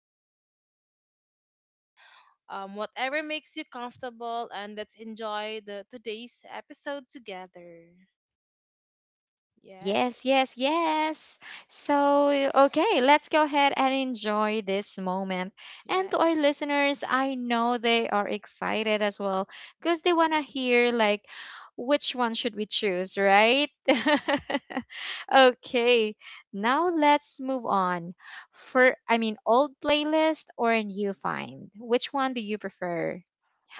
I'm so excited and whatever makes you comfortable and let's enjoy the today's episode together. Yes, yes, Yes. yes. So, okay, let's go ahead and enjoy this moment. And to our Yes. listeners, I know they are excited as well because they want to hear, like, which one should we choose, right? Okay, now let's move on. For, I mean, old playlist or new find? Which one do you prefer,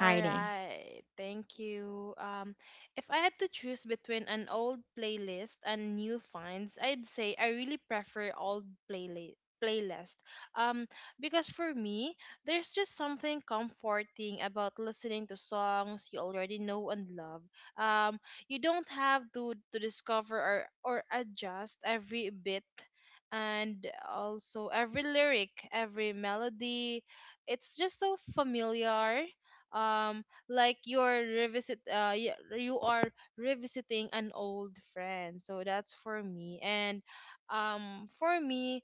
All right, thank you. If I had to choose between an old playlist and new finds, I'd say I really prefer old playlist, um because for me there's just something comforting about listening to songs you already know and love. um you don't have to discover or adjust every bit, and also every lyric, every melody, it's just so familiar. Like you're revisit y- you are revisiting an old friend, so that's for me. And for me,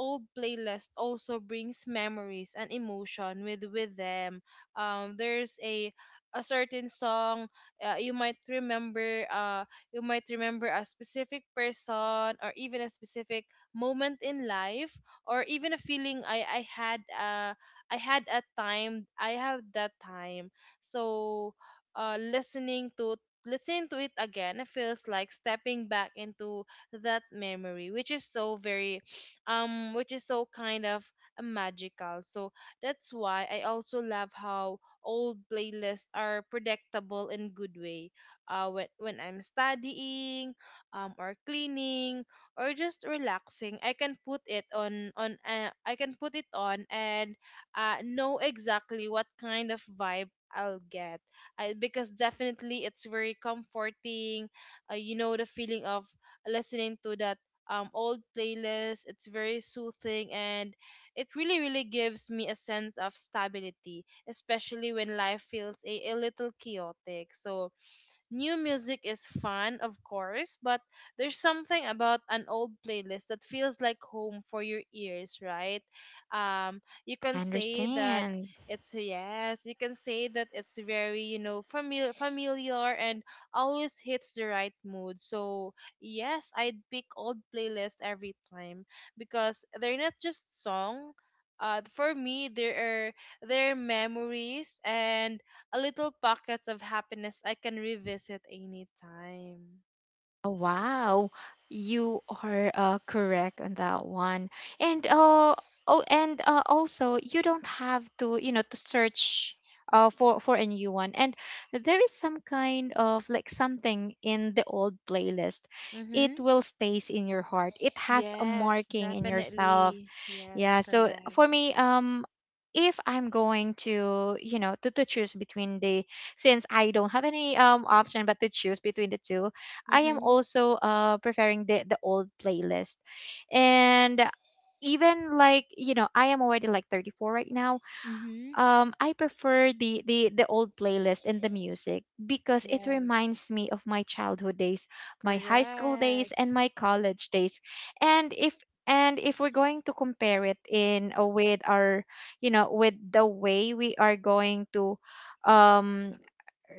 old playlist also brings memories and emotion with them. There's a certain song, uh, you might remember uh you might remember a specific person or even a specific moment in life, or even a feeling. I had a time, I have that time. So uh listening to listening to it again, it feels like stepping back into that memory, which is so very which is so kind of magical. So that's why I also love how old playlists are predictable in good way. When I'm studying, or cleaning, or just relaxing, I can put it on I can put it on and, know exactly what kind of vibe I'll get. Because definitely it's very comforting. You know, the feeling of listening to that old playlist, it's very soothing and it really, really gives me a sense of stability, especially when life feels a little chaotic. So, new music is fun, of course, but there's something about an old playlist that feels like home for your ears, right? You can say that Understand. You can say that it's very, you know, familiar, and always hits the right mood. So, yes, I'd pick old playlist every time because they're not just song. For me, there are their memories and a little pockets of happiness I can revisit anytime. Oh, wow, you are correct on that one. And oh, and also you don't have to search for a new one. And there is some kind of like something in the old playlist. It Mm-hmm. will stays in your heart. It has a Yes, marking in yourself. definitely. Yes, Yeah, so correct. for me, if I'm going to, to choose between since I don't have any option but to choose between the two, I am Mm-hmm. also preferring the old playlist, and even like, I am already like 34 right now. Mm-hmm. I prefer the old playlist and the music because it Yes. reminds me of my childhood days, my high school days Correct. and my college days. And if and if we're going to compare it in with our with the way we are going to um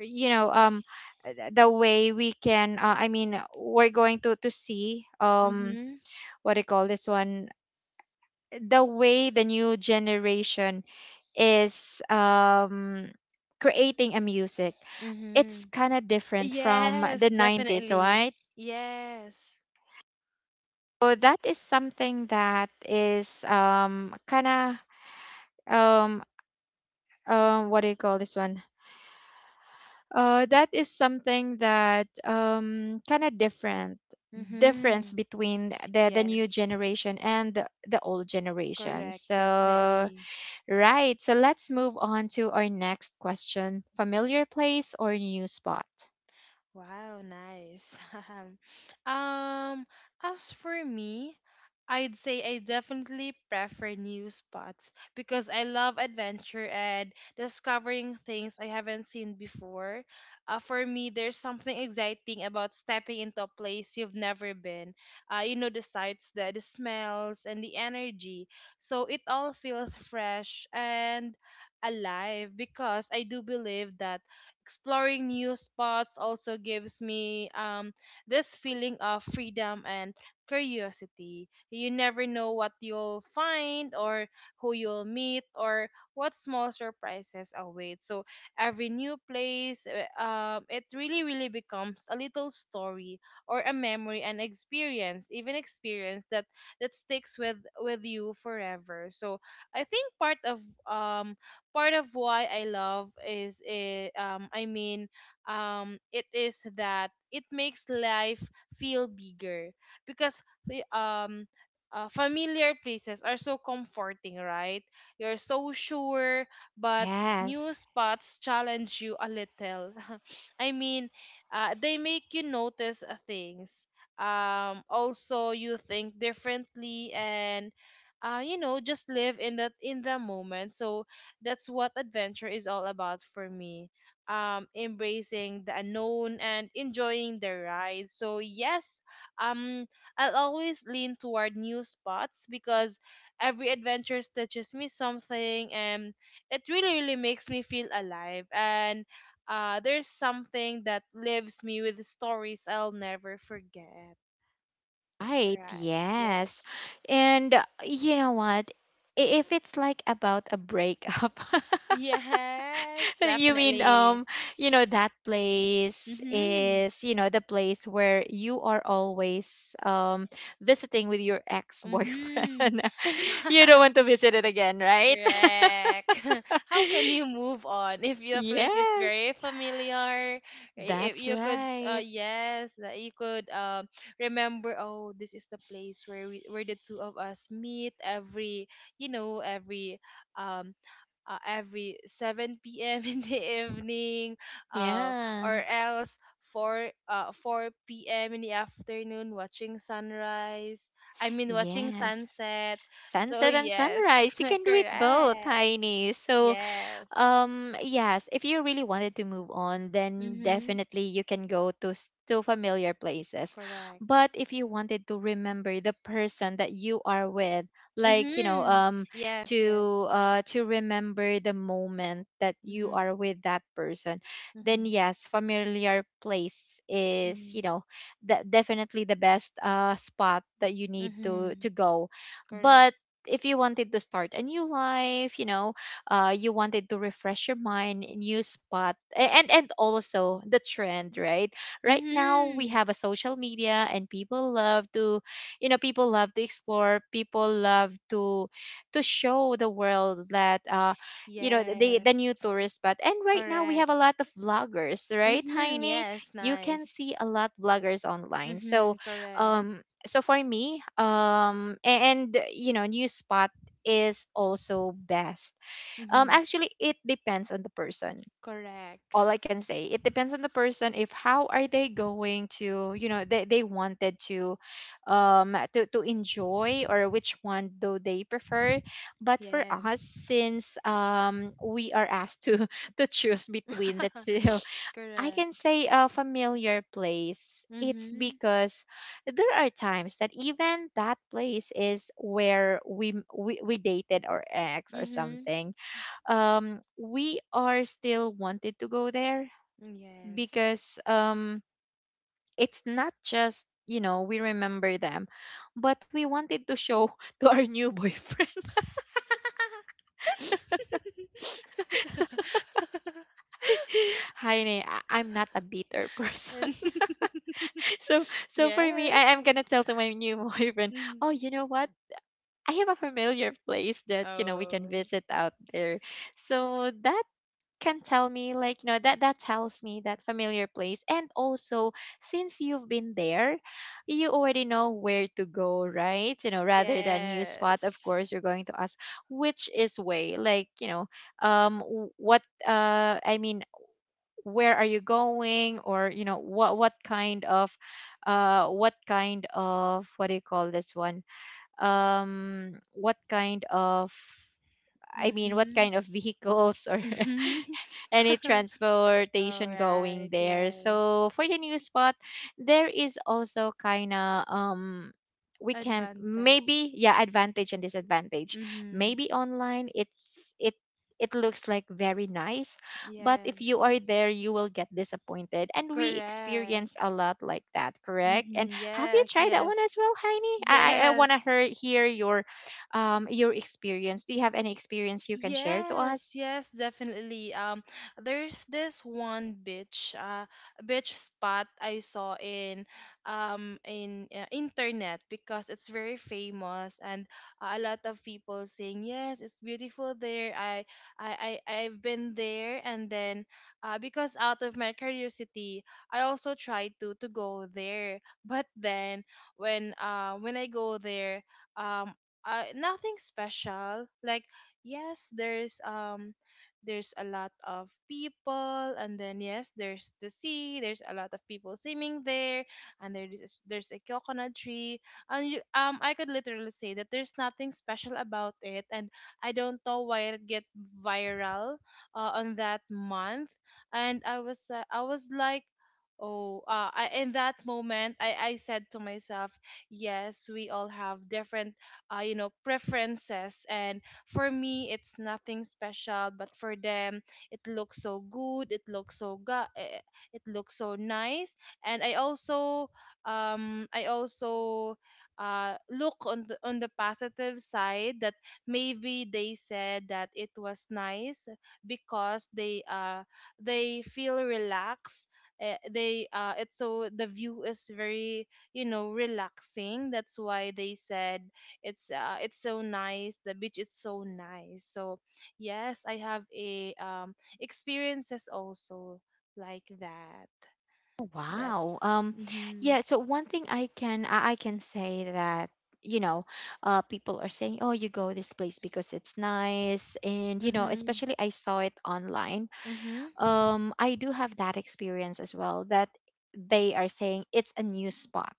you know um the way we can I mean we're going to see Mm-hmm. what do you call this one, the way the new generation is creating a music. Mm-hmm. It's kind of different from Yes, the 90s, definitely. right? Yes. So that is something that is kind of um what do you call this one? That is something that kind of different difference Mm-hmm. between the new Yes. generation and the old generation. Correct, So, definitely. right, so let's move on to our next question. Familiar place or new spot? Wow, nice. Um, as for me, I'd say I definitely prefer new spots because I love adventure and discovering things I haven't seen before. For me, there's something exciting about stepping into a place you've never been. You know, the sights, the smells, and the energy. So it all feels fresh and alive, because I do believe that exploring new spots also gives me, this feeling of freedom and curiosity. You never know what you'll find, or who you'll meet, or what small surprises await. So every new place, it really, really becomes a little story or a memory and experience, even experience that that sticks with you forever. So I think part of why I love is it, I mean it is that it makes life feel bigger, because we- um familiar places are so comforting, right? You're so sure, but new Yes, spots challenge you a little. I mean, they make you notice things. Also, you think differently and, you know, just live in that in the moment. So that's what adventure is all about for me. Embracing the unknown and enjoying the ride. So yes, um, I'll always lean toward new spots because every adventure teaches me something, and it really, really makes me feel alive. And, there's something that leaves me with stories I'll never forget. right. Right. Yes. Yes. And You know what? If it's like about a breakup, Yes, you mean definitely. You know that place Mm-hmm. is, the place where you are always visiting with your Mm-hmm. ex-boyfriend. You don't want to visit it again, right? Correct. How can you move on if your place is Yes. very familiar? If That's you could, right. yes, that you could remember. Oh, this is the place where we where the two of us meet every, you know, um. Every 7 p.m. in the evening, Yeah. or else 4 p.m. in the afternoon watching sunrise. I mean watching Yes. sunset. So Sunset and yes, sunrise. You can do it both, correct. Heini. So, Yes. Yes, if you really wanted to move on, then Mm-hmm. definitely you can go to familiar places. Correct. But if you wanted to remember the person that you are with, like, Mm-hmm. um Yes, to yes. uh to remember the moment that you Mm-hmm. are with that person, then Mm-hmm. yes, familiar place is, Mm-hmm. you know, the, definitely the best spot that you need to Mm-hmm. to go. Correct. But if you wanted to start a new life, you wanted to refresh your mind, new spot, and also the trend, right? Right now we Mm-hmm. have a social media, and people love to explore. People love to show the world that the new Yes. tourist spot. And right now we Correct. have a lot of vloggers, right, Mm-hmm. Heini? Yes, You can nice. see a lot vloggers online. So, Mm-hmm. Correct. um. So for me, and, new spot is also best. Mm-hmm. Actually, it depends on the person. Correct. All I can say, it depends on the person if how are they going to, they wanted to to enjoy, or which one do they prefer. But for us, Yes. since we are asked to to choose between the two, I can Correct. say a familiar place. It's Mm-hmm. because there are times that even that place is where we dated our ex or Mm-hmm. something. We are still wanted to go there Yes. because it's not just we remember them, but we wanted to show to our new boyfriend. Heine, I'm not a bitter person. And so so for me, I am yes. gonna tell to my new boyfriend, Mm. oh, you know what? I have a familiar place that we can Oh, visit out there. So that can tell me, like that tells me that familiar place, and also since you've been there, you already know where to go, right? Rather than new spot, of yes. course you're going to ask which is way, like, you know, um, w- what I mean, where are you going. Or what kind of, what kind of, what do you call this one, what kind of, I mean, what Mm-hmm. kind of vehicles or Mm-hmm. any All transportation going right, there. yes. So for the new spot, there is also kind of we can Advantage. maybe, yeah, advantage and disadvantage. Mm-hmm. Maybe online, it looks like very nice, but if you are Yes. there, you will get disappointed, and we experience a Correct. lot like that. Correct. And Mm-hmm. have you Yes, tried that one yes. as well, Heini? I want to Yes. hear your experience. Do you have any experience you can share to Yes, us? yes, definitely. There's this one beach, beach spot I saw in, internet, because it's very famous and a lot of people saying yes, it's beautiful there. I I've been there, and then, because out of my curiosity, I also tried to go there. But then when I go there, um, nothing special. Like, yes there's a lot of people, and then yes there's the sea, there's a lot of people swimming there, and there's a coconut tree, and you, I could literally say that there's nothing special about it, and I don't know why it get viral, on that month. And I was like, oh, in that moment, I said to myself, yes, we all have different, you know, preferences. And for me, it's nothing special, but for them, it looks so good. It looks it looks so nice. And I also um I also look on on the positive side that maybe they said that it was nice because they feel relaxed. They, it's so the view is very, you know, relaxing. That's why they said it's so nice. The beach is so nice. So yes, I have a experiences also like that. Oh, That's wow. Um, mm-hmm, yeah, so one thing I can say that, you know, people are saying, "Oh, you go this place because it's nice." And mm-hmm, especially, I saw it online. mm-hmm, I do have that experience as well, that they are saying it's a new spot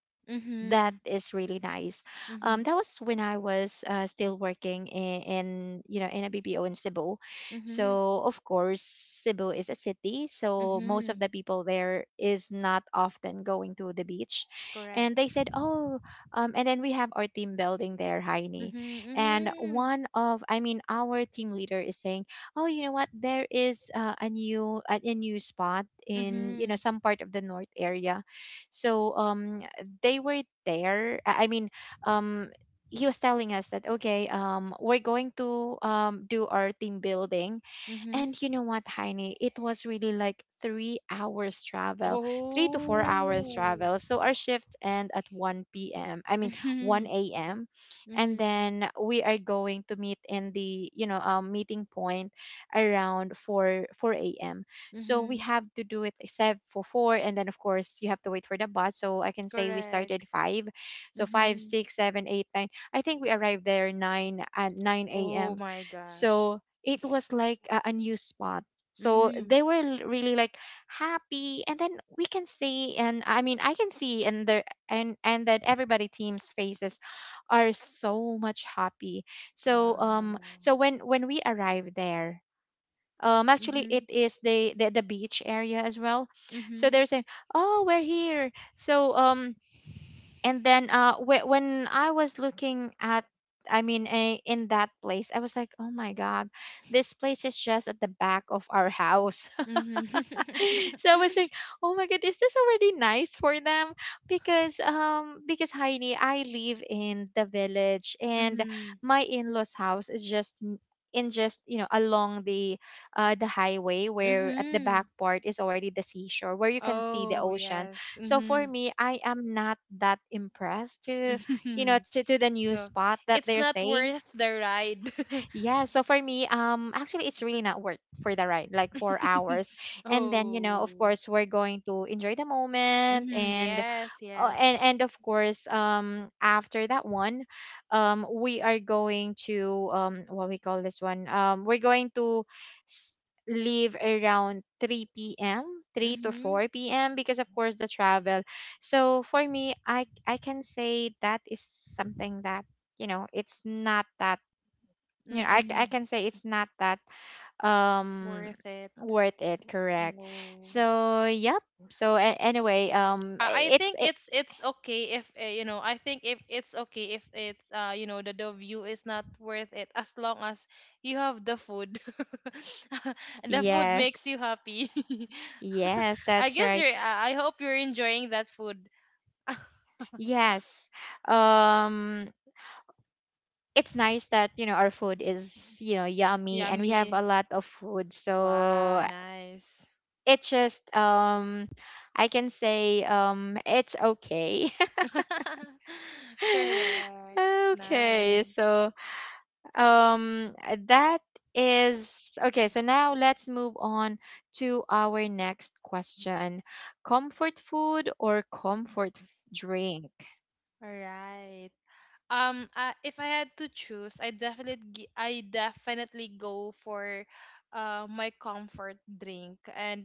that mm-hmm, is really nice. mm-hmm, That was when I was still working in, in a BPO in Cebu. mm-hmm, So of course Cebu is a city, so most of hmm. the people there is not often going to the beach. And Correct. they said, oh, and then we have our team building there, Heini. Mm-hmm, And mm-hmm, one of I mean, our team leader is saying, oh, you know what? There is a new spot in mm-hmm, some part of the north area. So they were there. I mean, um, he was telling us that, okay, we're going to do our team building. mm-hmm. And you know what, Heine? It was really like 3 hours travel, 3 to 4 hours Oh. travel. So our shift end at 1 p.m., I mean, Mm-hmm, 1 a.m. And mm-hmm, then we are going to meet in the, you know, meeting point around 4 4 a.m. So we mm-hmm. have to do it except for four, and then of course you have to wait for the bus. So I can say we Correct. started five. So five, Mm-hmm. six, seven, eight, nine. I think we arrived there nine at nine Oh a.m. my gosh. So it was like a new spot. So Mm-hmm. they were really like happy, and then we can see, and I mean, I can see, and their and that everybody team's faces are so much happy. So, Wow. so when we arrived there, actually it Mhm. is the beach area as well. So Mhm. they're saying, oh, we're here. So, and then when I was looking at, I mean, in that place, I was like, oh my god, this place is just at the back of our house. Mhm. So I was like, oh my god, is this already nice for them? Because Heidi, I live in the village, and Mhm. my in-laws house is just in just along the highway, where at the Mhm. back part is already the seashore, where you can see the Oh, ocean. yes. So for Mhm. me, I am not that impressed to Mhm. to the new So, spot that they're it's not saying. worth the ride. Yeah, so for me, actually, it's really not worth for the ride, like four hours, and then, Oh. of course, we're going to enjoy the moment, Mhm. and Yes, uh, yes. and and of course, after that one, we are going to, what we call this one, we're going to s- leave around 3 p.m., three to Mhm. 4 p.m., because of course the travel. So for me, I can say that is something that it's not that, I Mhm. can say it's not that um Worth it. worth it. Correct. No. So, yep, anyway, I it's think it, it's okay if, you know, I think if it's okay if it's, you know, the view is not worth it as long as you have the food. And the food makes yes, you happy. yes, I that's guess right. you're, I hope you're enjoying that food. Yes. um it's nice that our food is yummy, and we have Yummy. a lot of food, Wow, so nice. it just, I can say, it's okay. Correct. Okay, Nice. so that is okay. So now let's move on to our next question. Comfort food or comfort drink? All right. If I had to choose, I definitely go for my comfort drink. And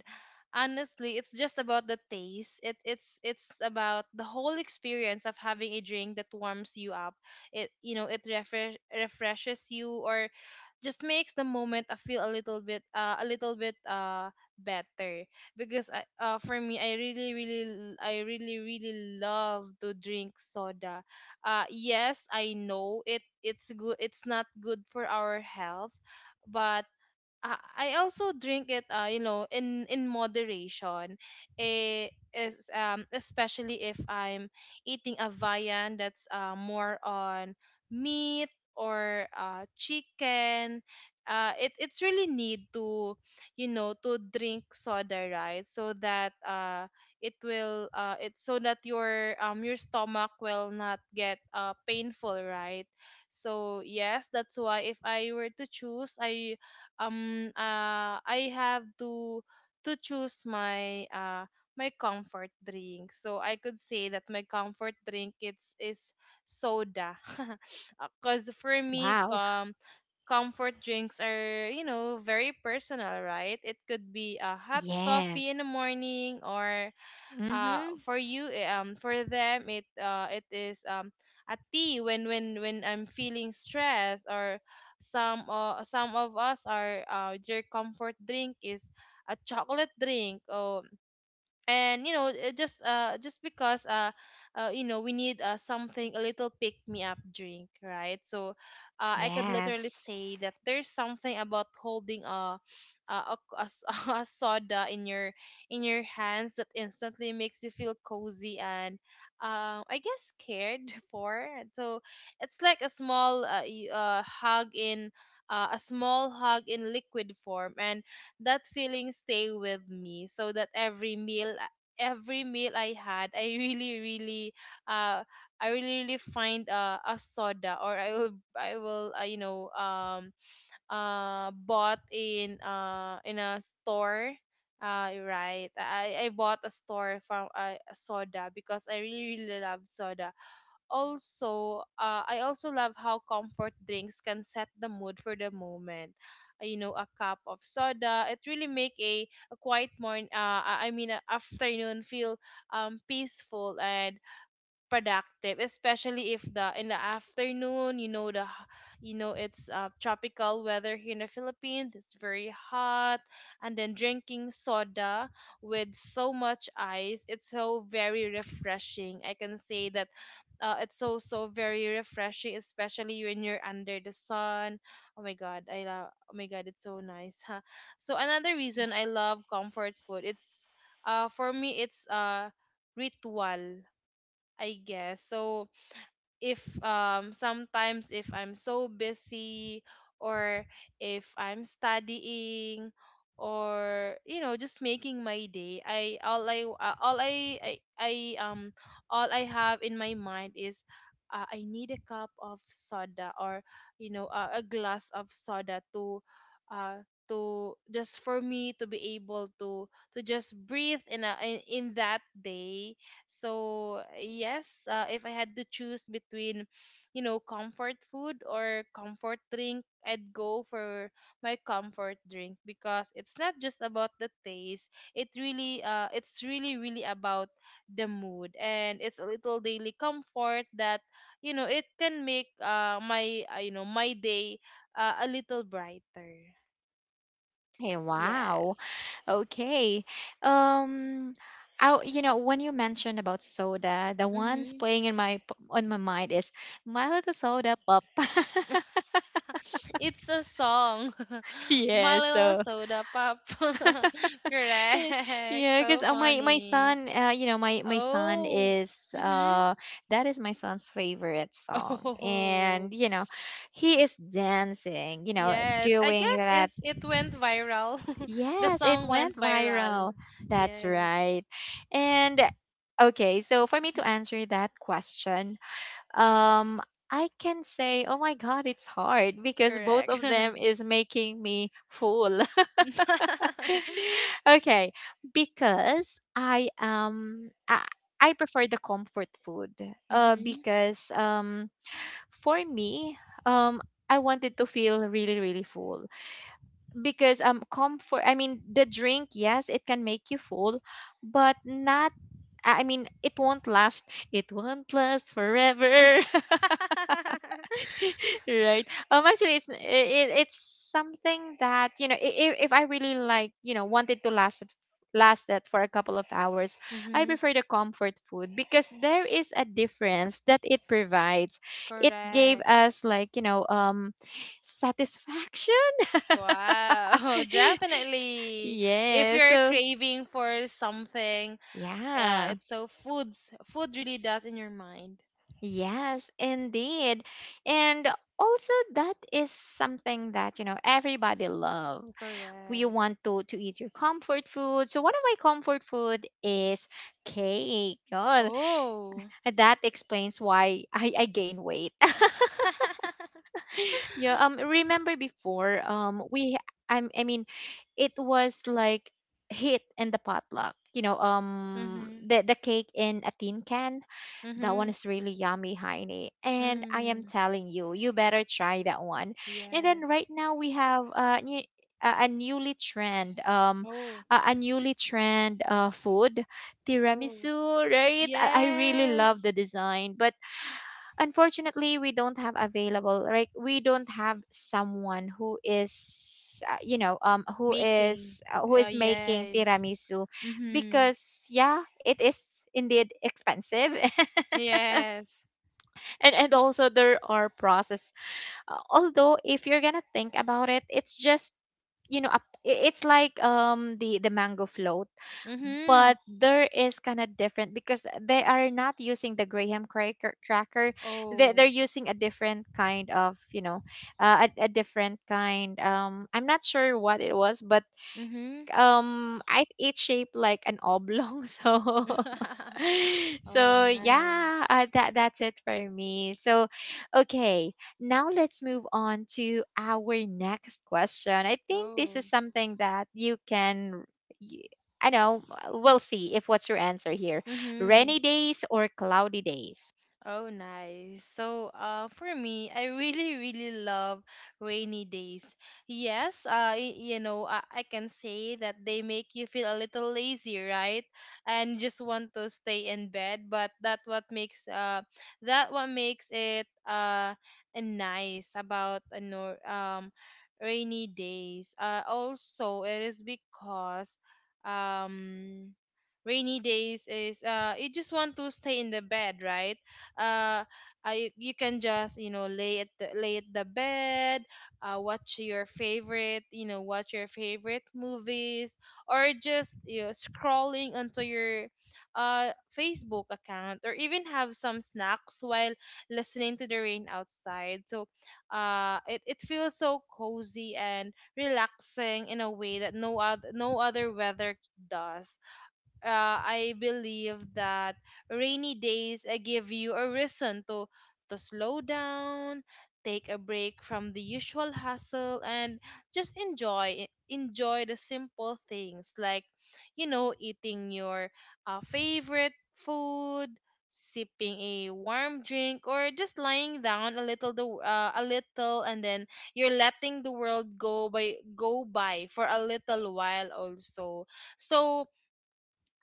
honestly, it's just about the taste. It's about the whole experience of having a drink that warms you up. It You know, it refreshes you, or just makes the moment. I feel a little bit, a little bit better, because for me I really really I really really love to drink soda. Yes, I know it's not good for our health, but I also drink it, you know, in moderation. Eh, is Especially if I'm eating a viand that's, more on meat, or, chicken. It's really need to, you know, to drink soda, right? So that, it's so that your stomach will not get painful, right? So yes, that's why if I were to choose, I have to choose my my comfort drink. So I could say that my comfort drink it's is soda. Cuz for me Wow. um comfort drinks are, very personal, right? It could be a hot coffee in Yes. the morning, or Mm-hmm. For them it it is a tea when I'm feeling stressed, or some of us, are their comfort drink is a chocolate drink, or and you know, it just because, you know, we need something, a little pick me up drink, right? So I could literally Yes. say that there's something about holding a, a, a s- a soda in your hands that instantly makes you feel cozy and, I guess, cared for. So it's like a small, hug in, a small hug in liquid form, and that feeling stay with me, so that every meal I had, I really really, uh I really really find, a soda. Or I will bought in, in a store, right? I bought a store from, a soda, because I really really love soda. Also, I also love how comfort drinks can set the mood for the moment. You know, a cup of soda, it really make a quiet morning, I mean a afternoon, feel peaceful and productive, especially if the in the afternoon, you know, you know, it's, tropical weather here in the Philippines, it's very hot. And then drinking soda with so much ice, it's so very refreshing, I can say that. It's so very refreshing, especially when you're under the sun. Oh my God, I love, oh my God, it's so nice, huh? So another reason I love comfort food, it's, for me, it's, ritual, I guess. So if, sometimes, if I'm so busy, or if I'm studying, or you know, just making my day, I all I I um all I have in my mind is, I need a cup of soda, or you know, a glass of soda to, uh to just, for me to be able to just breathe in in that day. So, yes, if I had to choose between, you know, comfort food or comfort drink, I'd go for my comfort drink, because it's not just about the taste. It really, it's really, really about the mood, and it's a little daily comfort that, you know, it can make, my, you know, my day, a little brighter. Hey, wow. Yes. Okay. Um, when you mentioned about soda, the ones Mm-hmm. playing in my on my mind is My Little Soda Pop. It's a song. My yeah, little so soda pop. Correct. yeah, So because my funny. son, you know, my son Oh. is Mhm. That is my son's favorite song, Oh. and you know, he is dancing, you know, Yes. I doing guess that. it's, it went viral. The Yes, it song went went viral. viral. That's Yes. right. And okay, so for me to answer that question, um I can say, oh my God, it's hard because both Correct. of them is making me full. okay, because I prefer the comfort food. Mhm. Because for me, um I wanted to feel really really full, because comfort, I mean the drink, yes, it can make you full, but not, I mean, it won't last forever. right. Actually, it's something that, you know, if I really, like, you know, wanted to last that for a couple of hours. I Mhm. prefer the comfort food because there is a difference that it provides. It gave Correct. us, like, you know, satisfaction. Wow, definitely. If yeah, you're so craving for something, yeah, yeah. it's so foods. Food really does in your mind. Yes, indeed. And also that is something that, you know, everybody love. We Correct. want to eat your comfort food. So one of my comfort food is cake. Oh, Oh. that explains why I gain weight. yeah, remember before, we I'm I mean it was like hit in the potluck. You know, Mhm. the cake in a tin can. That one Mhm. is really yummy, Heine. And I am Mhm. telling you, you better try that one. And then Yes. right now we have a Oh. Newly trend food, Oh. tiramisu, right? I really love the Yes. design, but unfortunately we don't have available. Like we don't have someone Making. Who is making Yes. tiramisu, Mhm. because yeah, it is indeed expensive. Yes. And also there are process. Although if you're gonna think about it, it's just, you know, it's like the mango float, but Mhm. there is kind of different because they are not using the graham cracker. They're Oh. using a different kind of, you know, a different kind, I'm not sure what it was, but Mhm. I it's shaped like an oblong, so Oh, so yeah. nice. That's it for me, so okay, now let's move on to our next question. I think this Oh. is something that you can y- I know we'll see if what's your answer here. Mm-hmm. Rainy days or cloudy days? Oh, nice. So, for me, I really, really love rainy days. Yes, you know, I can say that they make you feel a little lazy, right? And just want to stay in bed, but that what makes it, nice about a nor rainy days. Also, it is because, um rainy days is, you just want to stay in the bed, right? uh you can just, you know, lay at the bed, watch your favorite movies, or just, you know, scrolling onto your, uh Facebook account, or even have some snacks while listening to the rain outside. So it feels so cozy and relaxing in a way that no other weather does. Uh, I believe that rainy days, give you a reason to slow down, take a break from the usual hustle, and just enjoy the simple things, like, you know, eating your, favorite food, sipping a warm drink, or just lying down a little, and then you're letting the world go by for a little while also. So,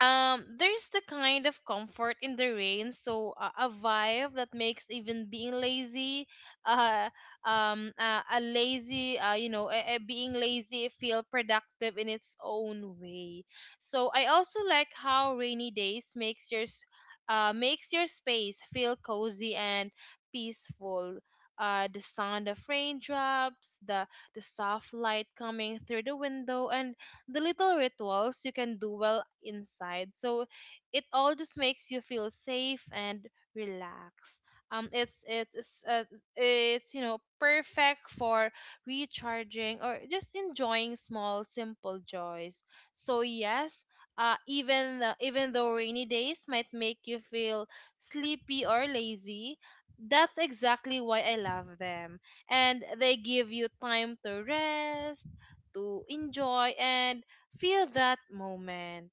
there's the kind of comfort in the rain. So, a vibe that makes even being lazy, uh a lazy you know a being lazy feel productive in its own way. So I also like how rainy days makes your space feel cozy and peaceful. Uh, the sound of raindrops, the soft light coming through the window, and the little rituals you can do well inside. So it all just makes you feel safe and relaxed. Um, it's it's it's, uh, it's, you know, perfect for recharging, or just enjoying small simple joys. So yes, even though rainy days might make you feel sleepy or lazy, that's exactly why I love them. And they give you time to rest, to enjoy and feel that moment,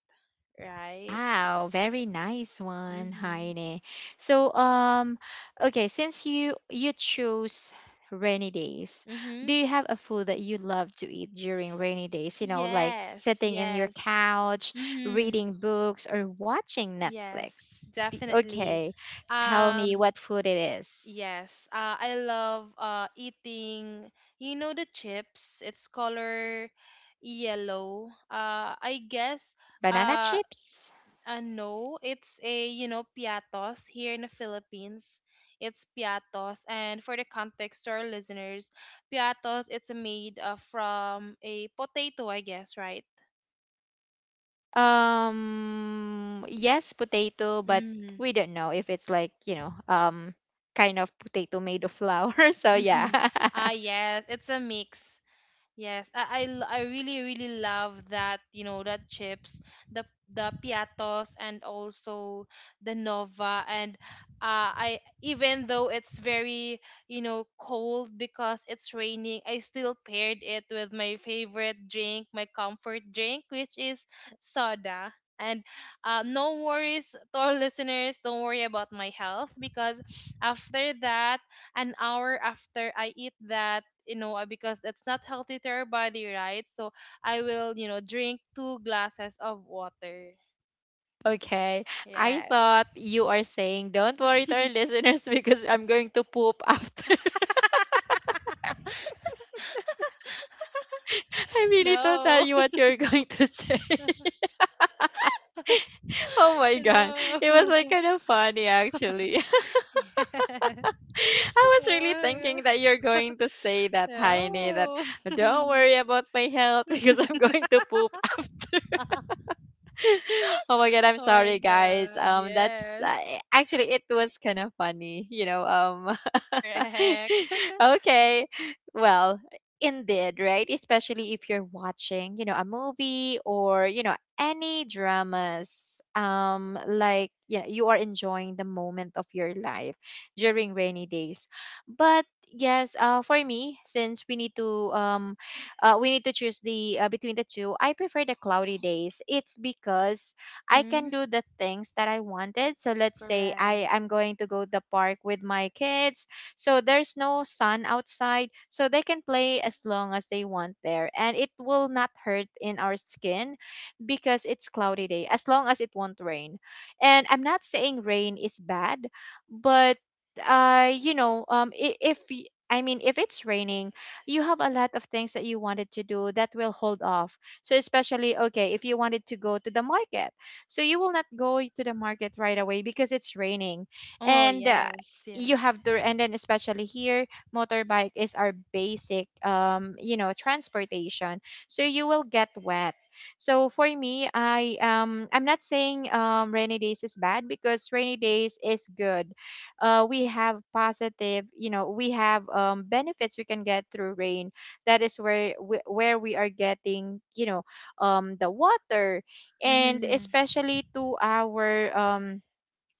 right? Wow, very nice one, Mhm. Heine. So, okay, since you chose rainy days, do Mhm. you have a food that you love to eat during rainy days? You know, like Yes, sitting in your yes. couch, Mhm. reading books, or watching Yes, Netflix. Definitely. Okay, tell me Um what food it is. yes, I love, eating, you know, the chips, it's color yellow. I guess, Banana uh chips? No, it's a, you know, piatos here in the Philippines. It's piatos. And for the context to our listeners, piatos, it's made, from a potato, I guess, right? Yes, potato, but Mm-hmm. we don't know if it's, like, you know, kind of potato made of flour. So yeah. Mm-hmm. Ah, yes, it's a mix. Yes, I really really love that, you know, that chips, the piatos, and also the nova, and I even though it's very, you know, cold because it's raining, I still paired it with my favorite drink, my comfort drink, which is soda. And, no worries to our listeners, don't worry about my health because after that, an hour after I eat that, you know, because that's not healthy to our body, right? So I will, you know, drink two glasses of water. Okay. I thought Yes. you are saying don't worry to our listeners because I'm going to poop after. I really thought that No. you what you're going to say. Oh my No. god. It was like kind of funny actually. Yes. I was Oh really my God. thinking that you're going to say that, Heine, that No. don't worry about my health because I'm going to poop. oh my god, I'm Oh my sorry guys, God, that's yes. actually it was kind of funny, you know. Um Correct. okay. Well, indeed, right, especially if you're watching, you know, a movie or, you know, any dramas, like, you know, you are enjoying the moment of your life during rainy days. But yes, for me, since we need to um choose the, between the two. I prefer the cloudy days. It's because I can Hmm. do the things that I wanted. So let's say I Correct. I'm going to go to the park with my kids. So there's no sun outside, so they can play as long as they want there, and it will not hurt in our skin because it's cloudy day. As long as it won't rain, and I'm not saying rain is bad, but you know, I- if y- I mean, if it's raining, you have a lot of things that you wanted to do that will hold off. So especially okay, if you wanted to go to the market, so you will not go to the market right away because it's raining, Oh, and yes, you yes. have to. And then especially here, motorbike is our basic, you know, transportation. So you will get wet. So for me, I'm not saying rainy days is bad because rainy days is good. We have positive, you know, we have benefits we can get through rain. That is where we are getting, you know, the water, and Mm-hmm. especially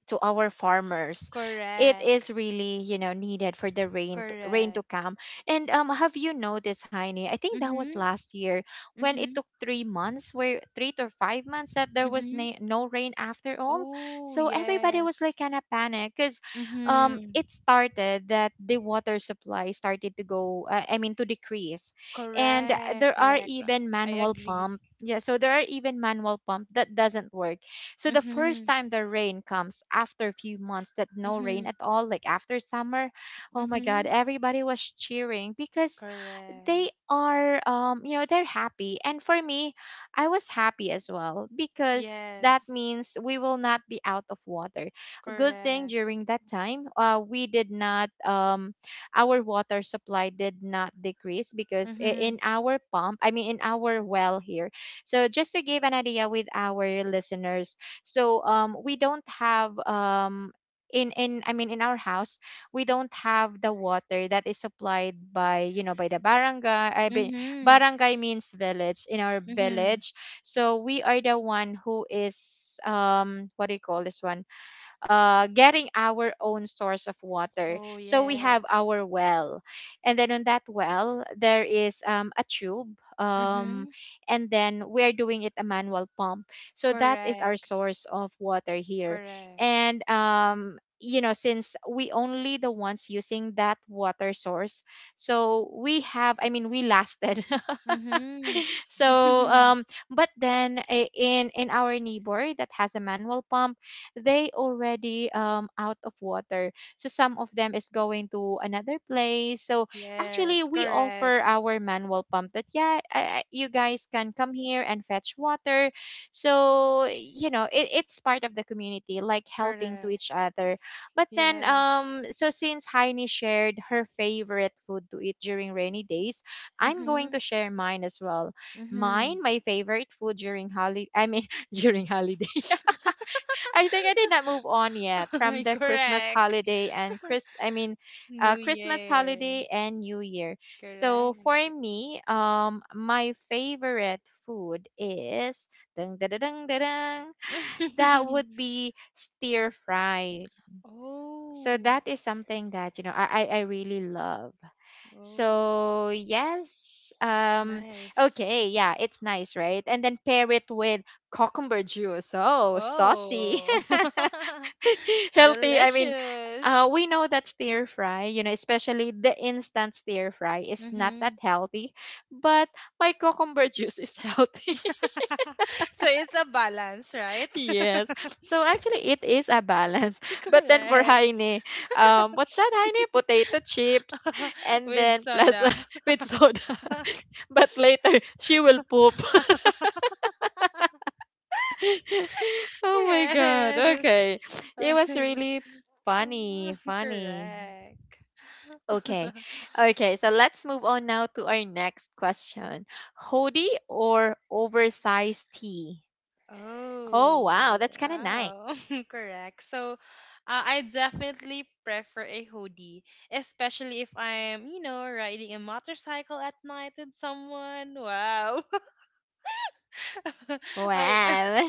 to our farmers. It is Correct. really, you know, needed for the rain to Correct. come. And have you noticed, Heine? I think that was Mhm. last year when it Mhm. took 3 months, where 3 to 5 months that there was Mhm. No rain after all. Oh, So everybody was like yes. kind of panic, cuz Mhm. it started that the water supply started to go, I mean, to decrease. And Correct. Correct. Ra- I agree. There are even manual pump that doesn't work. So the first Mhm. time the rain comes after a few months that no rain Mhm. at all, like after summer, oh my God, Mhm. everybody was cheering because Correct. they are you know they're happy, and for me I was happy as well because that Yes. means we will not be out of water. A good thing Correct. during that time, we did not, our water supply did not decrease because I- Mhm. in our pump I mean, in our well here. So just to give an idea with our listeners. So we don't have in I mean in our house we don't have the water that is supplied by, you know, by the barangay, I mean, Mhm. barangay means village, in our Mhm. village. So we are the one who is, what do you call this one, getting our own source of water. Oh, So we have yes. our well, and then on that well there is, a tube, Mhm. and then we are doing it a manual pump. So that is our Correct. source of water here, Correct. and you know, since we only the ones using that water source, so we have I mean we lasted, Mhm. so but then in our neighbor that has a manual pump, they already, out of water, so some of them is going to another place. So actually Yes. we offer Correct. our manual pump, that yeah, you guys can come here and fetch water, so you know, it's part of the community, like helping to Correct. each other. But then, Yes. So since Heini shared her favorite food to eat during rainy days, I'm going Mhm. to share mine as well. Mine Mhm. My favorite food during holiday, I mean, during holiday, I think I did not move on yet from the Christmas Correct. holiday and New Christmas Year. holiday and New Year. So for Correct. me, my favorite food is dun, dun, dun, dun, dun, dun, that would be stir fried. So Oh, that is something that, you know, I really love. oh, So yes, nice. okay, yeah, it's nice, right? And then pair it with cucumber juice. Oh, saucy. Oh, healthy, I mean, delicious. We know that stir fry, you know, especially the instant stir fry is not Mm-hmm. that healthy, but my cucumber juice is healthy. So it's a balance, right? yes. So actually, it is a balance. But then for Correct. Heine, what's that, Heine? Potato chips, and With then plus, soda. with soda. but later, she will poop. oh my God. Yes. Okay. It was really funny, funny. Correct. Okay. Okay. So let's move on now to our next question. Hoodie or oversized tee? Oh, Oh, wow. That's kind of nice. wow. Correct. So, I definitely prefer a hoodie, especially if I'm, you know, riding a motorcycle at night with someone. Wow. I, Well,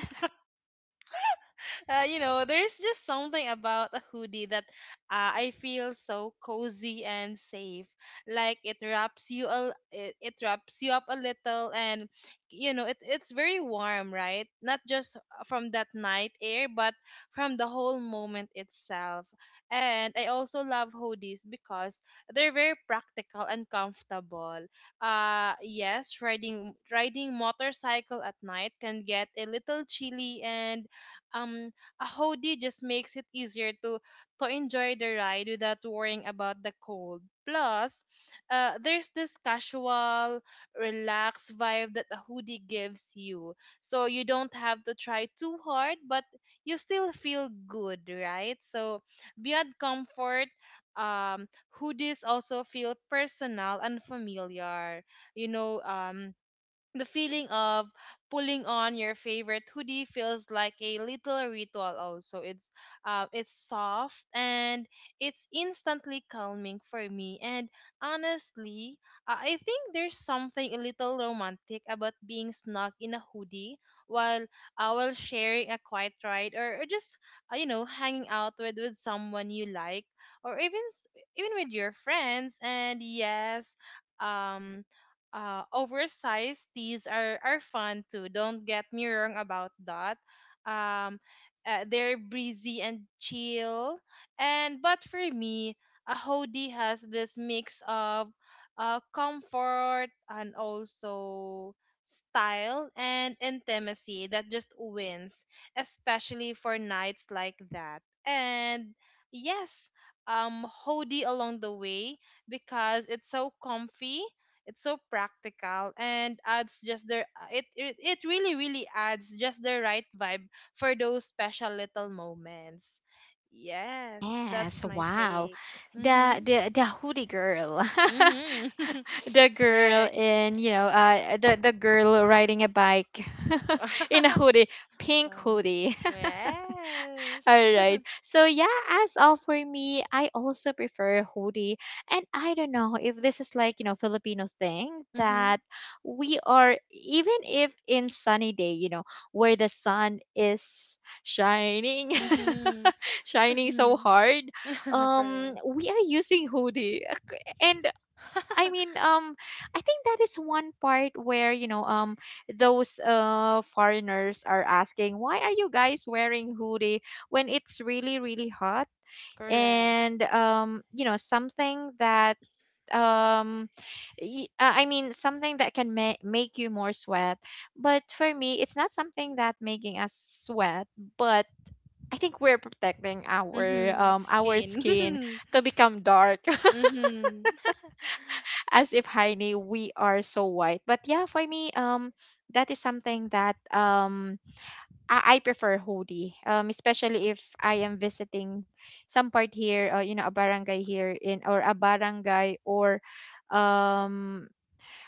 you know, there's just something about a hoodie that, I feel so cozy and safe. Like it wraps you, it wraps you up a little, and you know, it's very warm, right? Not just from that night air, but from the whole moment itself. And I also love hoodies because they're very practical and comfortable. Yes, riding motorcycle at night can get a little chilly, and, um a hoodie just makes it easier to enjoy the ride without worrying about the cold. Plus, there's this casual, relaxed vibe that a hoodie gives you. So you don't have to try too hard, but you still feel good, right? So beyond comfort, um, hoodies also feel personal and familiar. You know, the feeling of pulling on your favorite hoodie feels like a little ritual also. It's, it's soft, and it's instantly calming for me. And honestly, I think there's something a little romantic about being snug in a hoodie while, while sharing a quiet ride, or just, you know, hanging out with someone you like, or even with your friends. And yes, um oversized tees are fun too. Don't get me wrong about that. Um, they're breezy and chill. And but for me, a hoodie has this mix of, comfort, and also style and intimacy, that just wins, especially for nights like that. And yes, hoodie along the way, because it's so comfy, it's so practical, and adds just the it, it it really really adds just the right vibe for those special little moments. Yes, that's yes. my Wow. take. Mm-hmm. The hoodie girl. Mm-hmm. the girl Correct. in, you know, the girl riding a bike, in a hoodie, pink hoodie. Uh, All yes. right. So yeah, as all for me, I also prefer hoodie. And I don't know if this is like, you know, Filipino thing Mm-hmm. that we are, even if in sunny day, you know, where the sun is shining Mm-hmm. shining so Mm-hmm. hard, Correct. we are using hoodie. And I mean, I think that is one part where those foreigners are asking, why are you guys wearing hoodie when it's really really hot? Correct. And something that um I mean something that can make you more sweat, but for me, it's not something that making us sweat, but I think we're protecting Mm-hmm. Our Skin. skin to become dark, Mm-hmm. as if Heine, we are so white. But yeah, for me, that is something that I prefer hoodie, especially if I am visiting some part here, a barangay here in or a barangay or um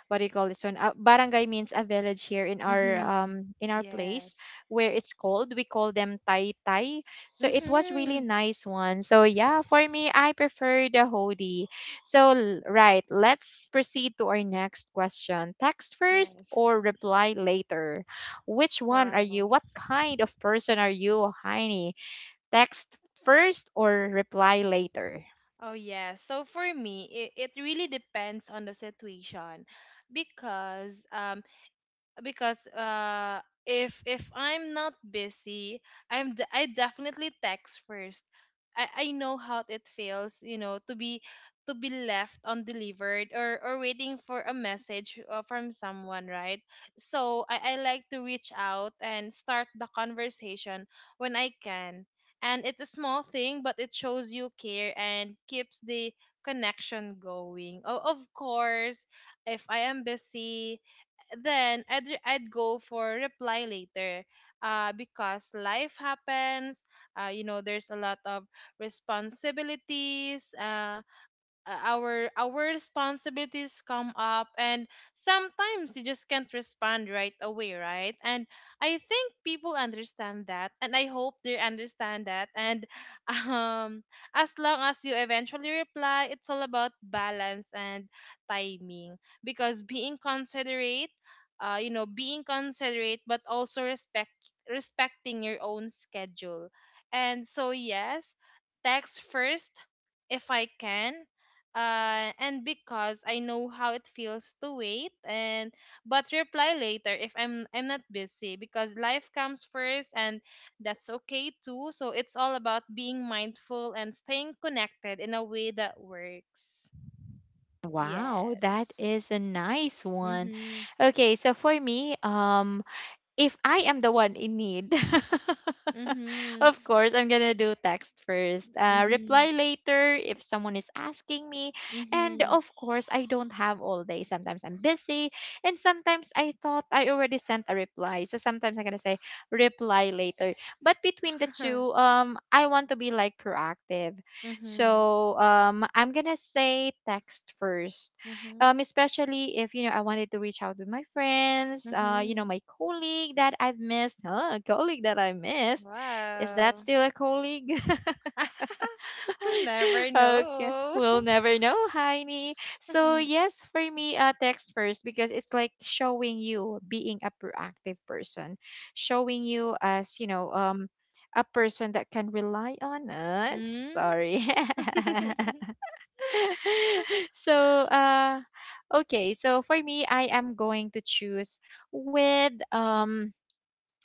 what do you call this one? Barangay means a village here in our Mm-hmm. um in our place Yes. where it's called. We call them Tai Tai. So it was really Mm-hmm. nice one. So yeah, for me, I prefer the Hodi. So, right, let's proceed to our next question. Text first Yes. or reply later? Which one are Wow. you? What kind of person are you, Heini? Text first or reply later? Oh, yes. So for me, it really depends on the situation, because because if I'm not busy, I definitely text first. I know how it feels, you know, to be, to be left undelivered, or waiting for a message, from someone, right? So I like to reach out and start the conversation when I can. And it's a small thing, but it shows you care and keeps the connection going. Oh, of course, if I am busy, then I'd go for reply later, because life happens. You know, there's a lot of responsibilities. Our responsibilities come up, and sometimes you just can't respond right away, right? And I think people understand that, and I hope they understand that. And um as long as you eventually reply, it's all about balance and timing, because being considerate, you know, being considerate, but also respecting your own schedule. And so yes, text first if I can, and because I know how it feels to wait, and but reply later if I'm not busy, because life comes first and that's okay too. So it's all about being mindful and staying connected in a way that works. Wow, that Yes. is a nice one. Mhm. Okay, so for me, if I am the one in need, Mhm. of course, I'm going to do text first, Mhm. reply later if someone is asking me. And Mhm. of course, I don't have all day. Sometimes I'm busy. And sometimes I thought I already sent a reply. So sometimes I'm going to say reply later. But between the two, I want to be like proactive. Mhm. So, I'm going to say text first, Mhm. Especially if you know I wanted to reach out with my friends, Mhm. my colleague that I've missed, huh? A colleague that I missed, is that Wow. still a colleague? We'll never Okay, know. we'll never know, Heini. So yes, for me, text first, because it's like showing you being a proactive person, showing you as, a person that can rely on us. Mhm. Sorry. So, okay, so for me, I am going to choose with um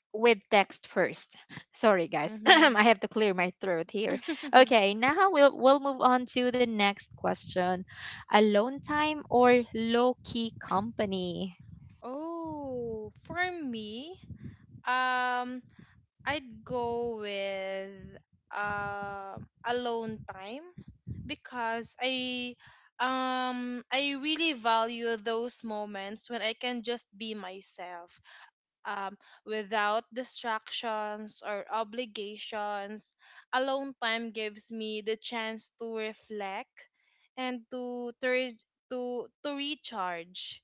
with text first. Sorry, guys. Mm-hmm. I have to clear my throat here. Okay, now we'll move on to the next question. Alone time or low key company? Oh, for me, um, I'd go with uh, alone time because I really value those moments when I can just be myself um without distractions or obligations. Alone time gives me the chance to reflect and to recharge.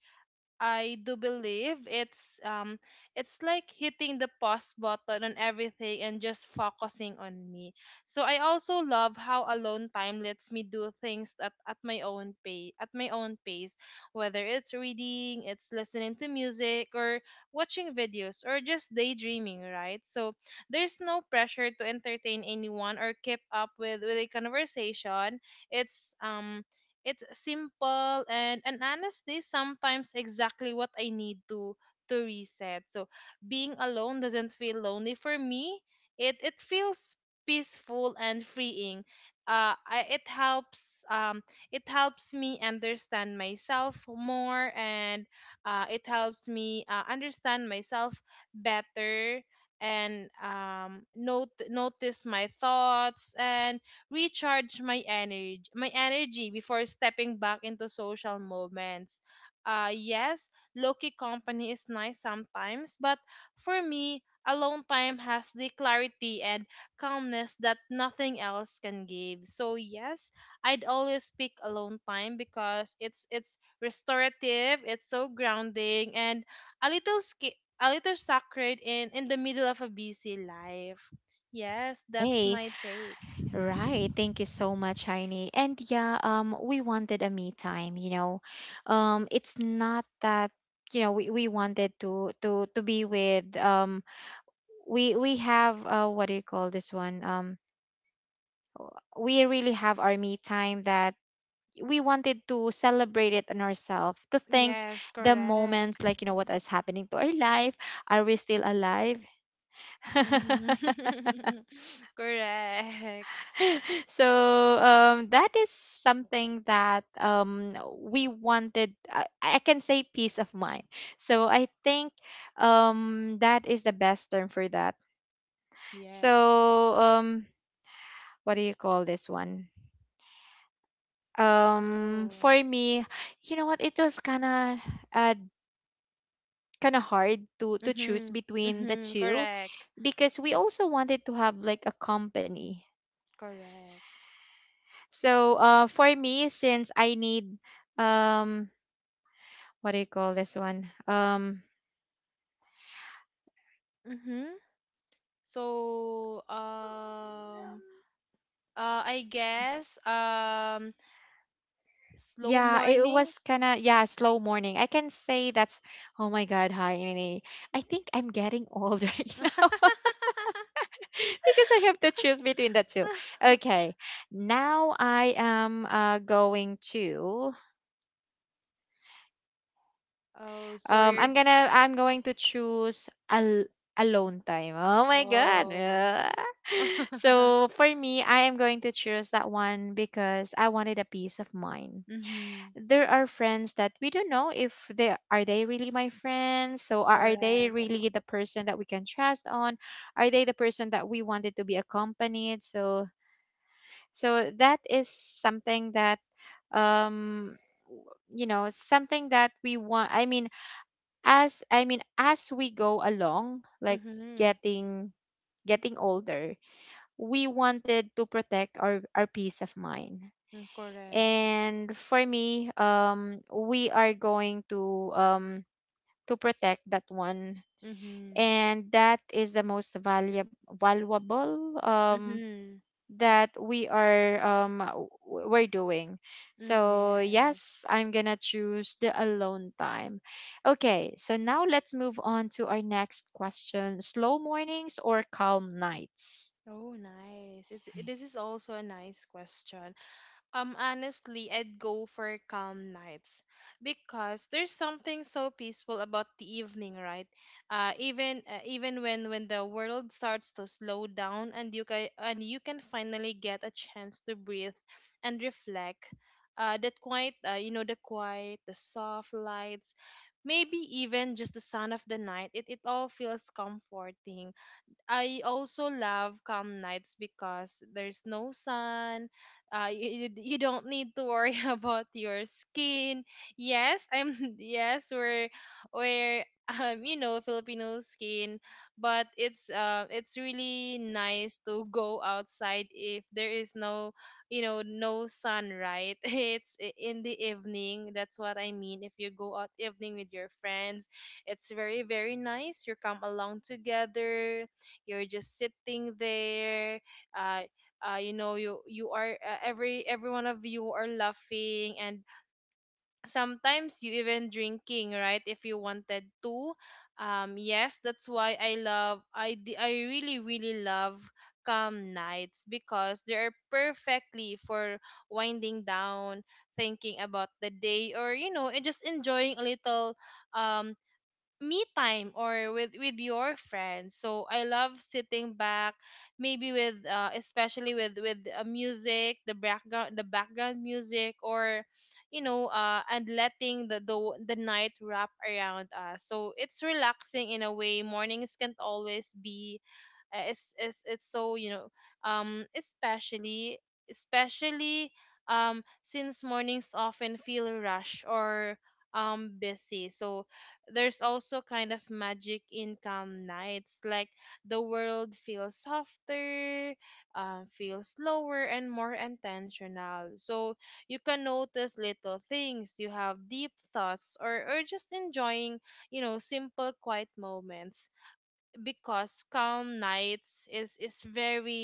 I do believe it's like hitting the pause button on everything and just focusing on me. So I also love how alone time lets me do things at my own pace at my own pace. Whether it's reading, it's listening to music, or watching videos, or just daydreaming, right? So there's no pressure to entertain anyone or keep up with a conversation. It's um it's simple, and honestly sometimes exactly what I need to reset. So being alone doesn't feel lonely for me. It feels peaceful and freeing. It helps, it helps me understand myself more, and it helps me understand myself better, and notice my thoughts and recharge my energy before stepping back into social moments. Yes, low-key company is nice sometimes, but for me, alone time has the clarity and calmness that nothing else can give. So yes, I'd always pick alone time because it's restorative, it's so grounding, and a little sacred in the middle of a busy life. Yes, that's my take. Right. Thank you so much, Heini. And yeah, we wanted a me time. It's not that, we wanted to be with, we have, what do you call this one? We really have our me time that we wanted to celebrate it on ourselves, to think Yes, the correct. moments like, what is happening to our life. Are we still alive? Hmm. Correct. So, that is something that, we wanted, I can say peace of mind. So I think, that is the best term for that. Yes. So, what do you call this one? Oh. For me, you know what it was uh, kind of hard to choose Mm-hmm. between the Mm-hmm. two. Correct. Because we also wanted to have like a company. Correct. So, for me, since I need, um what do you call this one? Mm-hmm. So, I guess, slow Yeah, it was mornings. kind of, yeah, slow morning. I can say that's... oh my god, hi, Nene. I think I'm getting old right now because I have to choose between the two. Okay, now Oh, so you're, I'm going to choose, alone time. Oh my god. oh. Ah. Mm-hmm. So for me, I am going to choose that one because I wanted a peace of mind. There are friends that we don't know if they really my friends. So are they Correct. really the person that we can trust on? Are they the person that we wanted to be accompanied? So that is something that, um something that we want, I mean, as we go along, like, Mm-hmm. getting getting older, we wanted to protect our peace of mind. Correct. And for me, we are going to, to protect that one. Mm-hmm. And that is the most valuable Mm-hmm. that we're doing. Mm, So yes, yes. I'm gonna choose the alone time. Okay, so now let's move on to our next question. Slow mornings or calm nights? Oh, nice. It's This is also a nice question. Honestly, I'd go for calm nights because there's something so peaceful about the evening, right? Even even when the world starts to slow down, and you can finally get a chance to breathe and reflect. That quiet, you know, the quiet, the soft lights, maybe even just the sound of the night. It all feels comforting. I also love calm nights because there's no sun. You you don't need to worry about your skin. Yes, I'm yes we're you know, Filipino skin, but it's really nice to go outside if there is no, you know, no sun, right. In the evening. That's what I mean. If you go out evening with your friends, it's very, very nice. You come along together, you're just sitting there, uh, you know, you are every one of you are laughing, and sometimes you even drinking, right, if you wanted to. Yes, that's why I really, really love calm nights because they are perfectly for winding down, thinking about the day, or, you know, and just enjoying a little, um me time, or with your friends. So I love sitting back, maybe with especially with music, the background music, or you know, and letting the night wrap around us. So it's relaxing in a way mornings can't always be. It's so, you know, um especially especially, since mornings often feel rush or busy. So there's also kind of magic in calm nights, like the world feels softer, feels slower, and more intentional. So you can notice little things, you have deep thoughts, or just enjoying, you know, simple quiet moments. Because calm nights is very,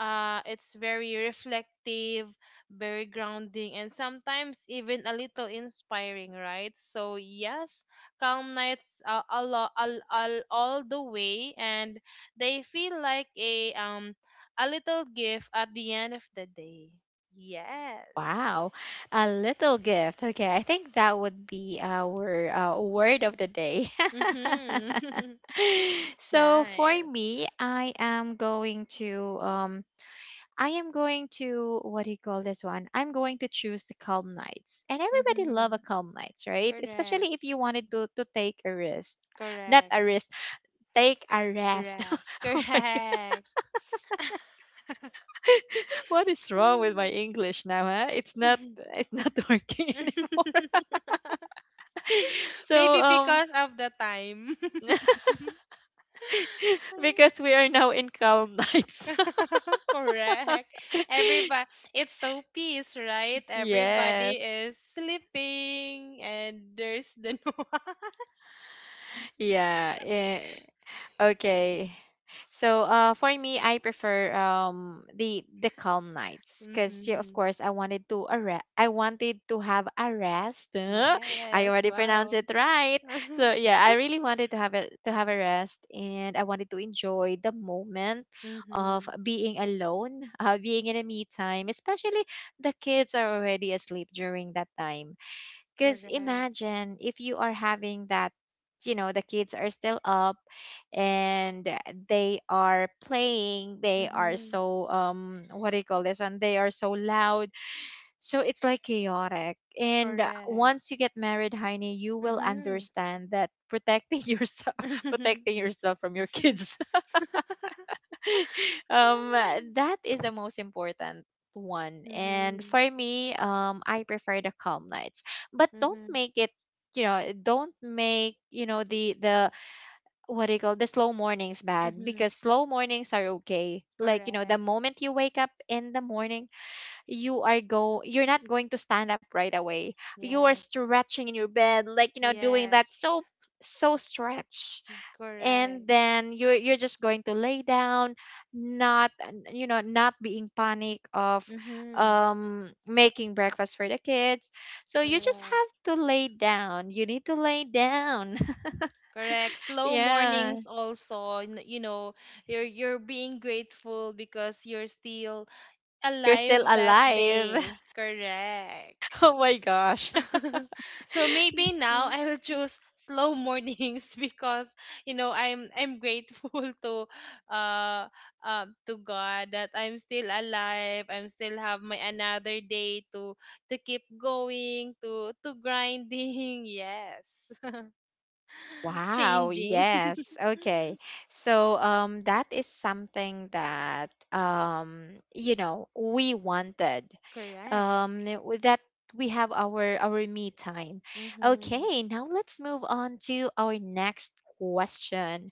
it's very reflective, very grounding, and sometimes even a little inspiring, right? So yes, calm nights are all the way, and they feel like a little gift at the end of the day. Yes. Wow, a little gift. Okay, I think that would be our, word of the day. Mhm. So for Nice. me, I am going to, what do you call this one? I'm going to choose the calm nights. And everybody love Mhm. a calm nights, right? Correct. Especially if you wanted to take a risk. Not Correct. a risk, take a rest. Rest. Oh my god. Correct. What is wrong with my Mm. English now, huh? It's not working anymore. So, Maybe because of the time. because we are now in calm nights. Correct. Everybody, it's so peace, right? Everybody Yes. is sleeping, and there's the no. Yeah. Okay. So, for me, I prefer, the calm nights, cuz yeah, of Mm-hmm. course I wanted to, have a rest. Huh? I Yes, already pronounced wow. it right. So yeah, I really wanted to have a rest, and I wanted to enjoy the moment Mm-hmm. of being alone, being in a me time, especially the kids are already asleep during that time. Because Correct. imagine if you are having that, the kids are still up and they are playing, they are Mm-hmm. so, what do you call this one? They are so loud. So it's like chaotic. And, Correct. once you get married, Heine, you will Mm-hmm. understand that protecting yourself, protecting yourself from your kids. That is the most important one. And Mm-hmm. for me, I prefer the calm nights. But don't Mm-hmm. make it, you know don't make, the what do you call the slow mornings bad, Mm-hmm. because slow mornings are okay. Like, the Correct. moment you wake up in the morning, you are go you're not going to stand up right away. You are Yes. stretching in your bed, like, doing that. Yes. So stretch, Correct. and then you're just going to lay down. Not, not being panic of Mm-hmm. Making breakfast for the kids. So you just Correct. have to lay down, you need to lay down. Correct. Slow Yeah, mornings also, you know, you're being grateful because you're still you're still alive that alive. day. Correct. Oh my gosh. So maybe now I'll choose slow mornings because you know I'm grateful to uh to God that I'm still alive. I'm still have my another day to keep going, to grinding. Yes. Wow, Changing. yes. Okay. So, that is something that, we wanted. Correct. With that, we have our me time. Mhm. Okay, now let's move on to our next question.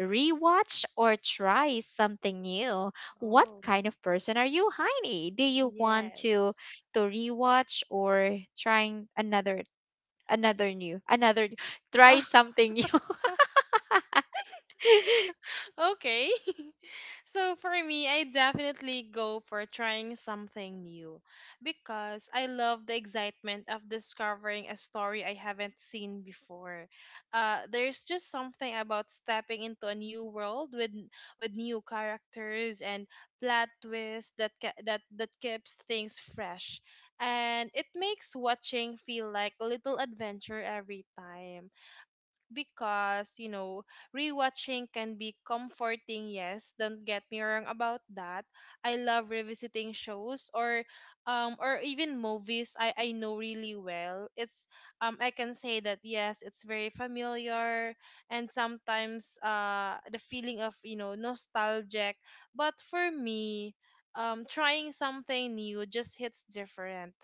Rewatch or try something new? What Oh, kind of person are you, Heini? Do you want to yes. to rewatch or trying another new another try something new? Okay. So for me, I definitely go for trying something new because I love the excitement of discovering a story I haven't seen before. There's just something about stepping into a new world with new characters and plot twists that that keeps things fresh, and it makes watching feel like a little adventure every time. Because you know, rewatching can be comforting. Yes, don't get me wrong about that. I love revisiting shows, or even movies I know really well. It's I can say that, yes, it's very familiar, and sometimes the feeling of, you know, nostalgic. But for me, trying something new just hits different.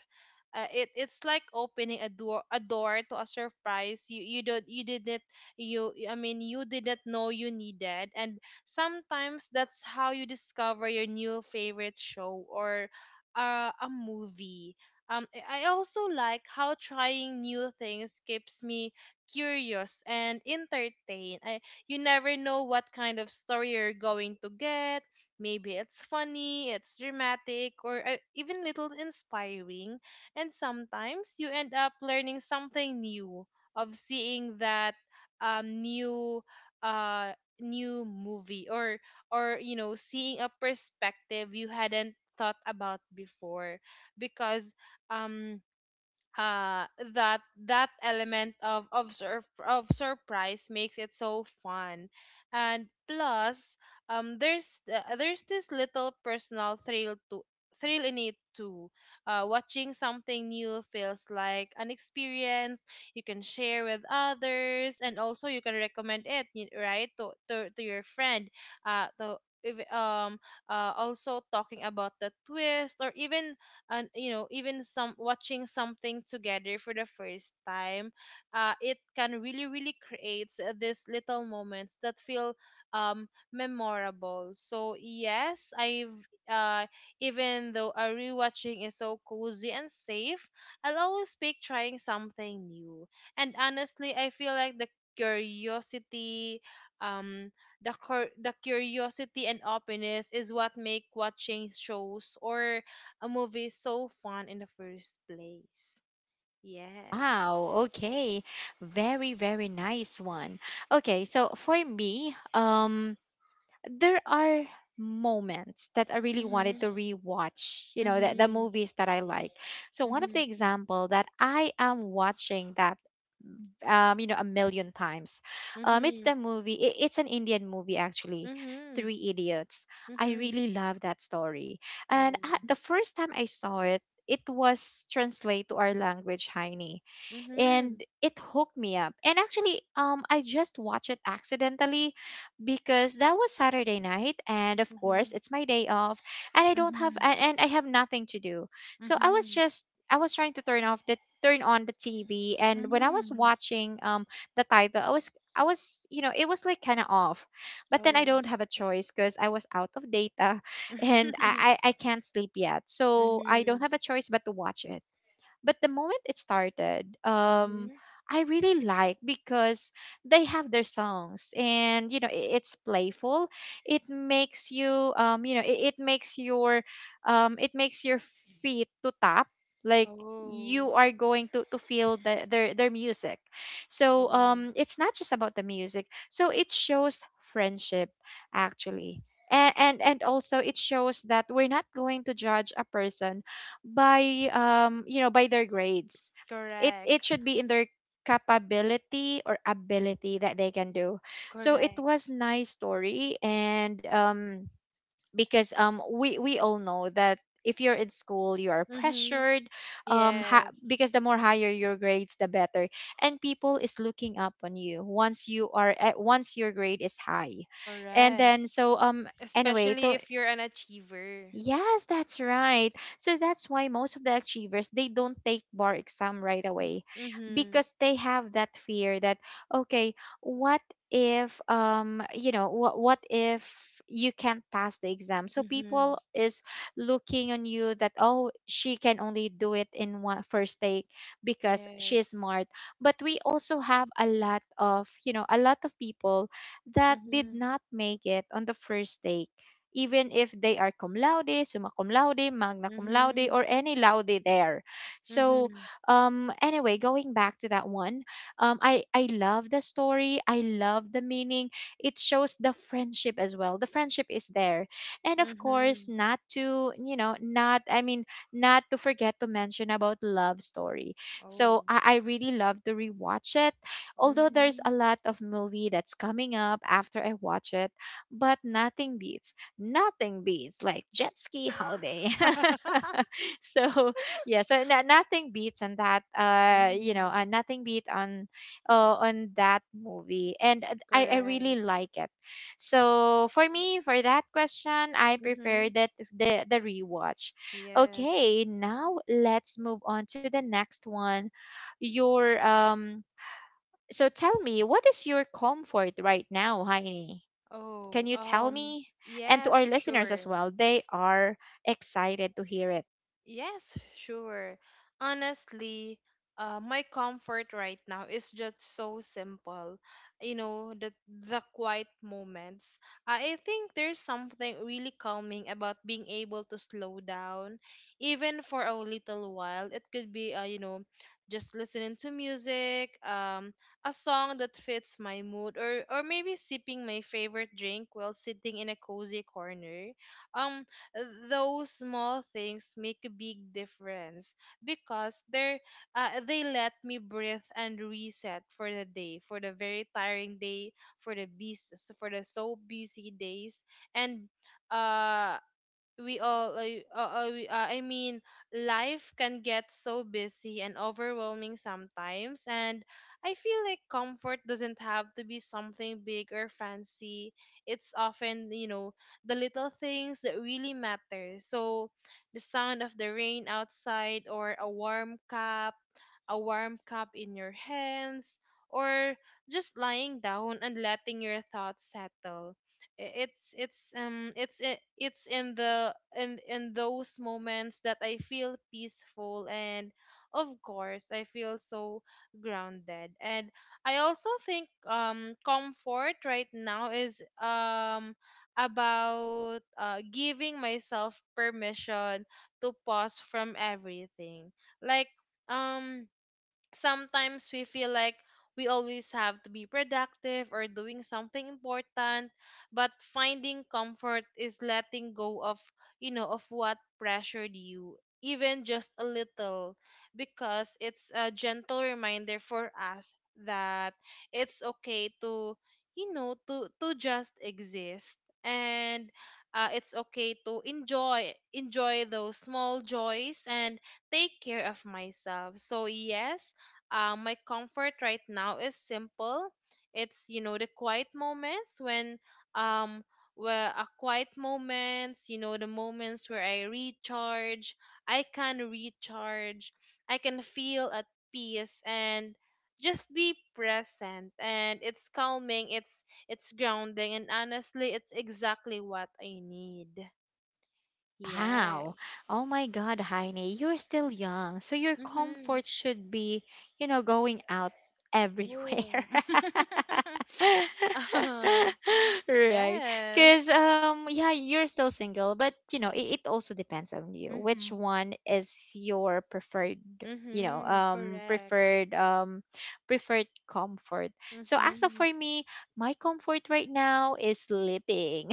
It's like opening a door, a door to a surprise you you don't you didn't, you I mean you didn't know you needed, and sometimes that's how you discover your new favorite show or a movie. I also like how trying new things keeps me curious and entertained. I You never know what kind of story you're going to get. Maybe it's funny, it's dramatic, or even little inspiring, and sometimes you end up learning something new of seeing that, um, new uh, new movie, or you know, seeing a perspective you hadn't thought about before. Because um uh that that element of surprise makes it so fun. And plus, there's this little personal thrill to thrill in it too. Watching something new feels like an experience you can share with others, and also you can recommend it right to your friend, to if- also talking about the twist, or even and you know, even some watching something together for the first time, it can really, really create these little moments that feel memorable. So yes I've uh Even though a rewatching is so cozy and safe, I'll always pick trying something new. And honestly, I feel like the curiosity, um the curiosity and openness is what make watching shows or a movie so fun in the first place. Yes. Wow, okay, very very nice one. Okay, so for me, there are moments that I really wanted Mhm. to rewatch, the Mhm. movies that I like. So one of the Mhm. example that I am watching that, a million times. It's Mhm. the movie. It's an Indian movie, actually, Mhm. Three Idiots. I Mhm. really love that story. And Oh. I, the first time I saw it, it was translated to our language, Heine, and Mhm. it hooked me up. And actually, I just watched it accidentally, because that was Saturday night, and of course, Mhm. it's my day off, and I don't have Mhm. And I have nothing to do. So Mhm. I was trying to turn on the TV, and when I was Mhm. watching the title, I was you know it was like kind of off, but then I Oh. don't have a choice because I was out of data, and I, I I can't sleep yet, so I don't Mhm. have a choice but to watch it. But the moment it started, Mhm. I really like, because they have their songs, and it's playful. It makes it makes your feet to tap, like Oh. you are going to feel their music. So, Oh. It's not just about the music. So it shows friendship, actually. And also it shows that we're not going to judge a person by you know by their grades. It Correct. should be in their capability or ability that they can do. So it Correct. was nice story. And, because, we all know that if you're in school, you are Mhm. pressured, Yes. because the more higher your grades, the better. And people is looking up on you once your grade is high. And Correct. then, so, anyway, Especially to... if you're an achiever. Yes, that's right. So that's why most of the achievers, they don't take bar exam right away, Mhm. because they have that fear that, okay, what if, what if you can't pass the exam? So Mhm. people is looking on you that, oh, she can only do it in one first take because she is Yes. smart. But we also have a lot of people that did Mhm. not make it on the first take, even if they are cum laude, summa cum laude, magna cum laude, Mhm. or any laude there. So, Mhm. Anyway, going back to that one, I love the story. I love the meaning. It shows the friendship as well. The friendship is there. And of course, Mhm. not, I mean, not to forget to mention about love story. So Oh. I really love to rewatch it. Although there's Mhm. a lot of movie that's coming up after I watch it, but nothing beats like jet ski holiday. So yeah, so no, nothing beats on that you Mhm. know nothing beat on that movie, and, I really Correct. like it. So for me, for that question, I prefer Mhm. that, the rewatch. Okay, Yes. now let's move on to the next one. Your So tell me, what is your comfort right now, Heini? Oh, Can you tell um, me? And to yes, our listeners as sure. well, they are excited to hear it. Yes, sure. Honestly, my comfort right now is just so simple. You know, the quiet moments. I think there's something really calming about being able to slow down, even for a little while. It could be, you know, just listening to music, a song that fits my mood, or maybe sipping my favorite drink while sitting in a cozy corner. Um, those small things make a big difference because they're, they let me breathe and reset for the day, for the very tiring day, for the busy, for the so busy days. And uh we all we, I mean life can get so busy and overwhelming sometimes, and I feel like comfort doesn't have to be something big or fancy. It's often, you know, the little things that really matter. So the sound of the rain outside, or a warm cup in your hands, or just lying down and letting your thoughts settle. It's in the in those moments that I feel peaceful, and of course I feel so grounded. And I also think, comfort right now is, about giving myself permission to pause from everything, like, um sometimes we feel like we always have to be productive or doing something important, but finding comfort is letting go of, you know, of what pressured you, even just a little. Because it's a gentle reminder for us that it's okay to, you know, to just exist. And it's okay to enjoy those small joys and take care of myself. So yes, my comfort right now is simple. It's, you know, the quiet moments when, um where a quiet moments, you know, the moments where I recharge. I can recharge. I can feel at peace and just be present. And it's calming, it's grounding, and honestly it's exactly what I need. Wow. Yes. Oh my God, Heine, you're still young. So your Mhm. comfort should be, going out Oh. everywhere. Um, Right. yes. Because, yeah, you're still single. But, it also depends on you. Which Hmm. one is your preferred, you know, Mm-hmm. Correct. preferred, preferred comfort? So as of Mm-hmm. for me, my comfort right now is sleeping.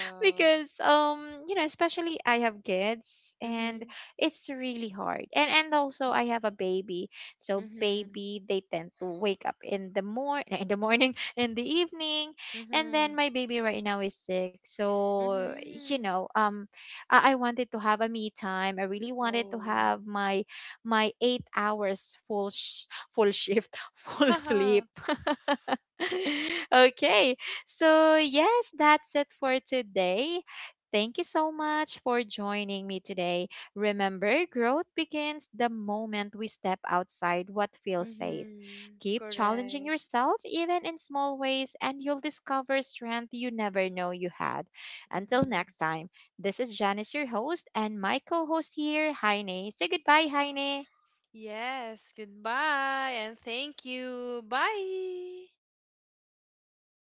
Because, especially I have kids, and Mm-hmm. it's really hard, and also I have a baby. So Mm-hmm. baby, they tend to wake up in the morning in the morning in the evening. And Mm-hmm. then my baby right now is sick, so, Mm-hmm. I wanted to have a me time. I really wanted to Oh. have my 8 hours full sh- full shift full Haha. sleep. Okay, so, yes, that's it for today. Thank you so much for joining me today. Remember, growth begins the moment we step outside what feels safe. Mm-hmm. Keep challenging Correct. yourself, even in small ways, and you'll discover strength you never know you had. Until Mm-hmm. next time, this is Janice, your host, and my co host here, Heine. Say goodbye, Heine. Yes. Goodbye and thank you. Bye.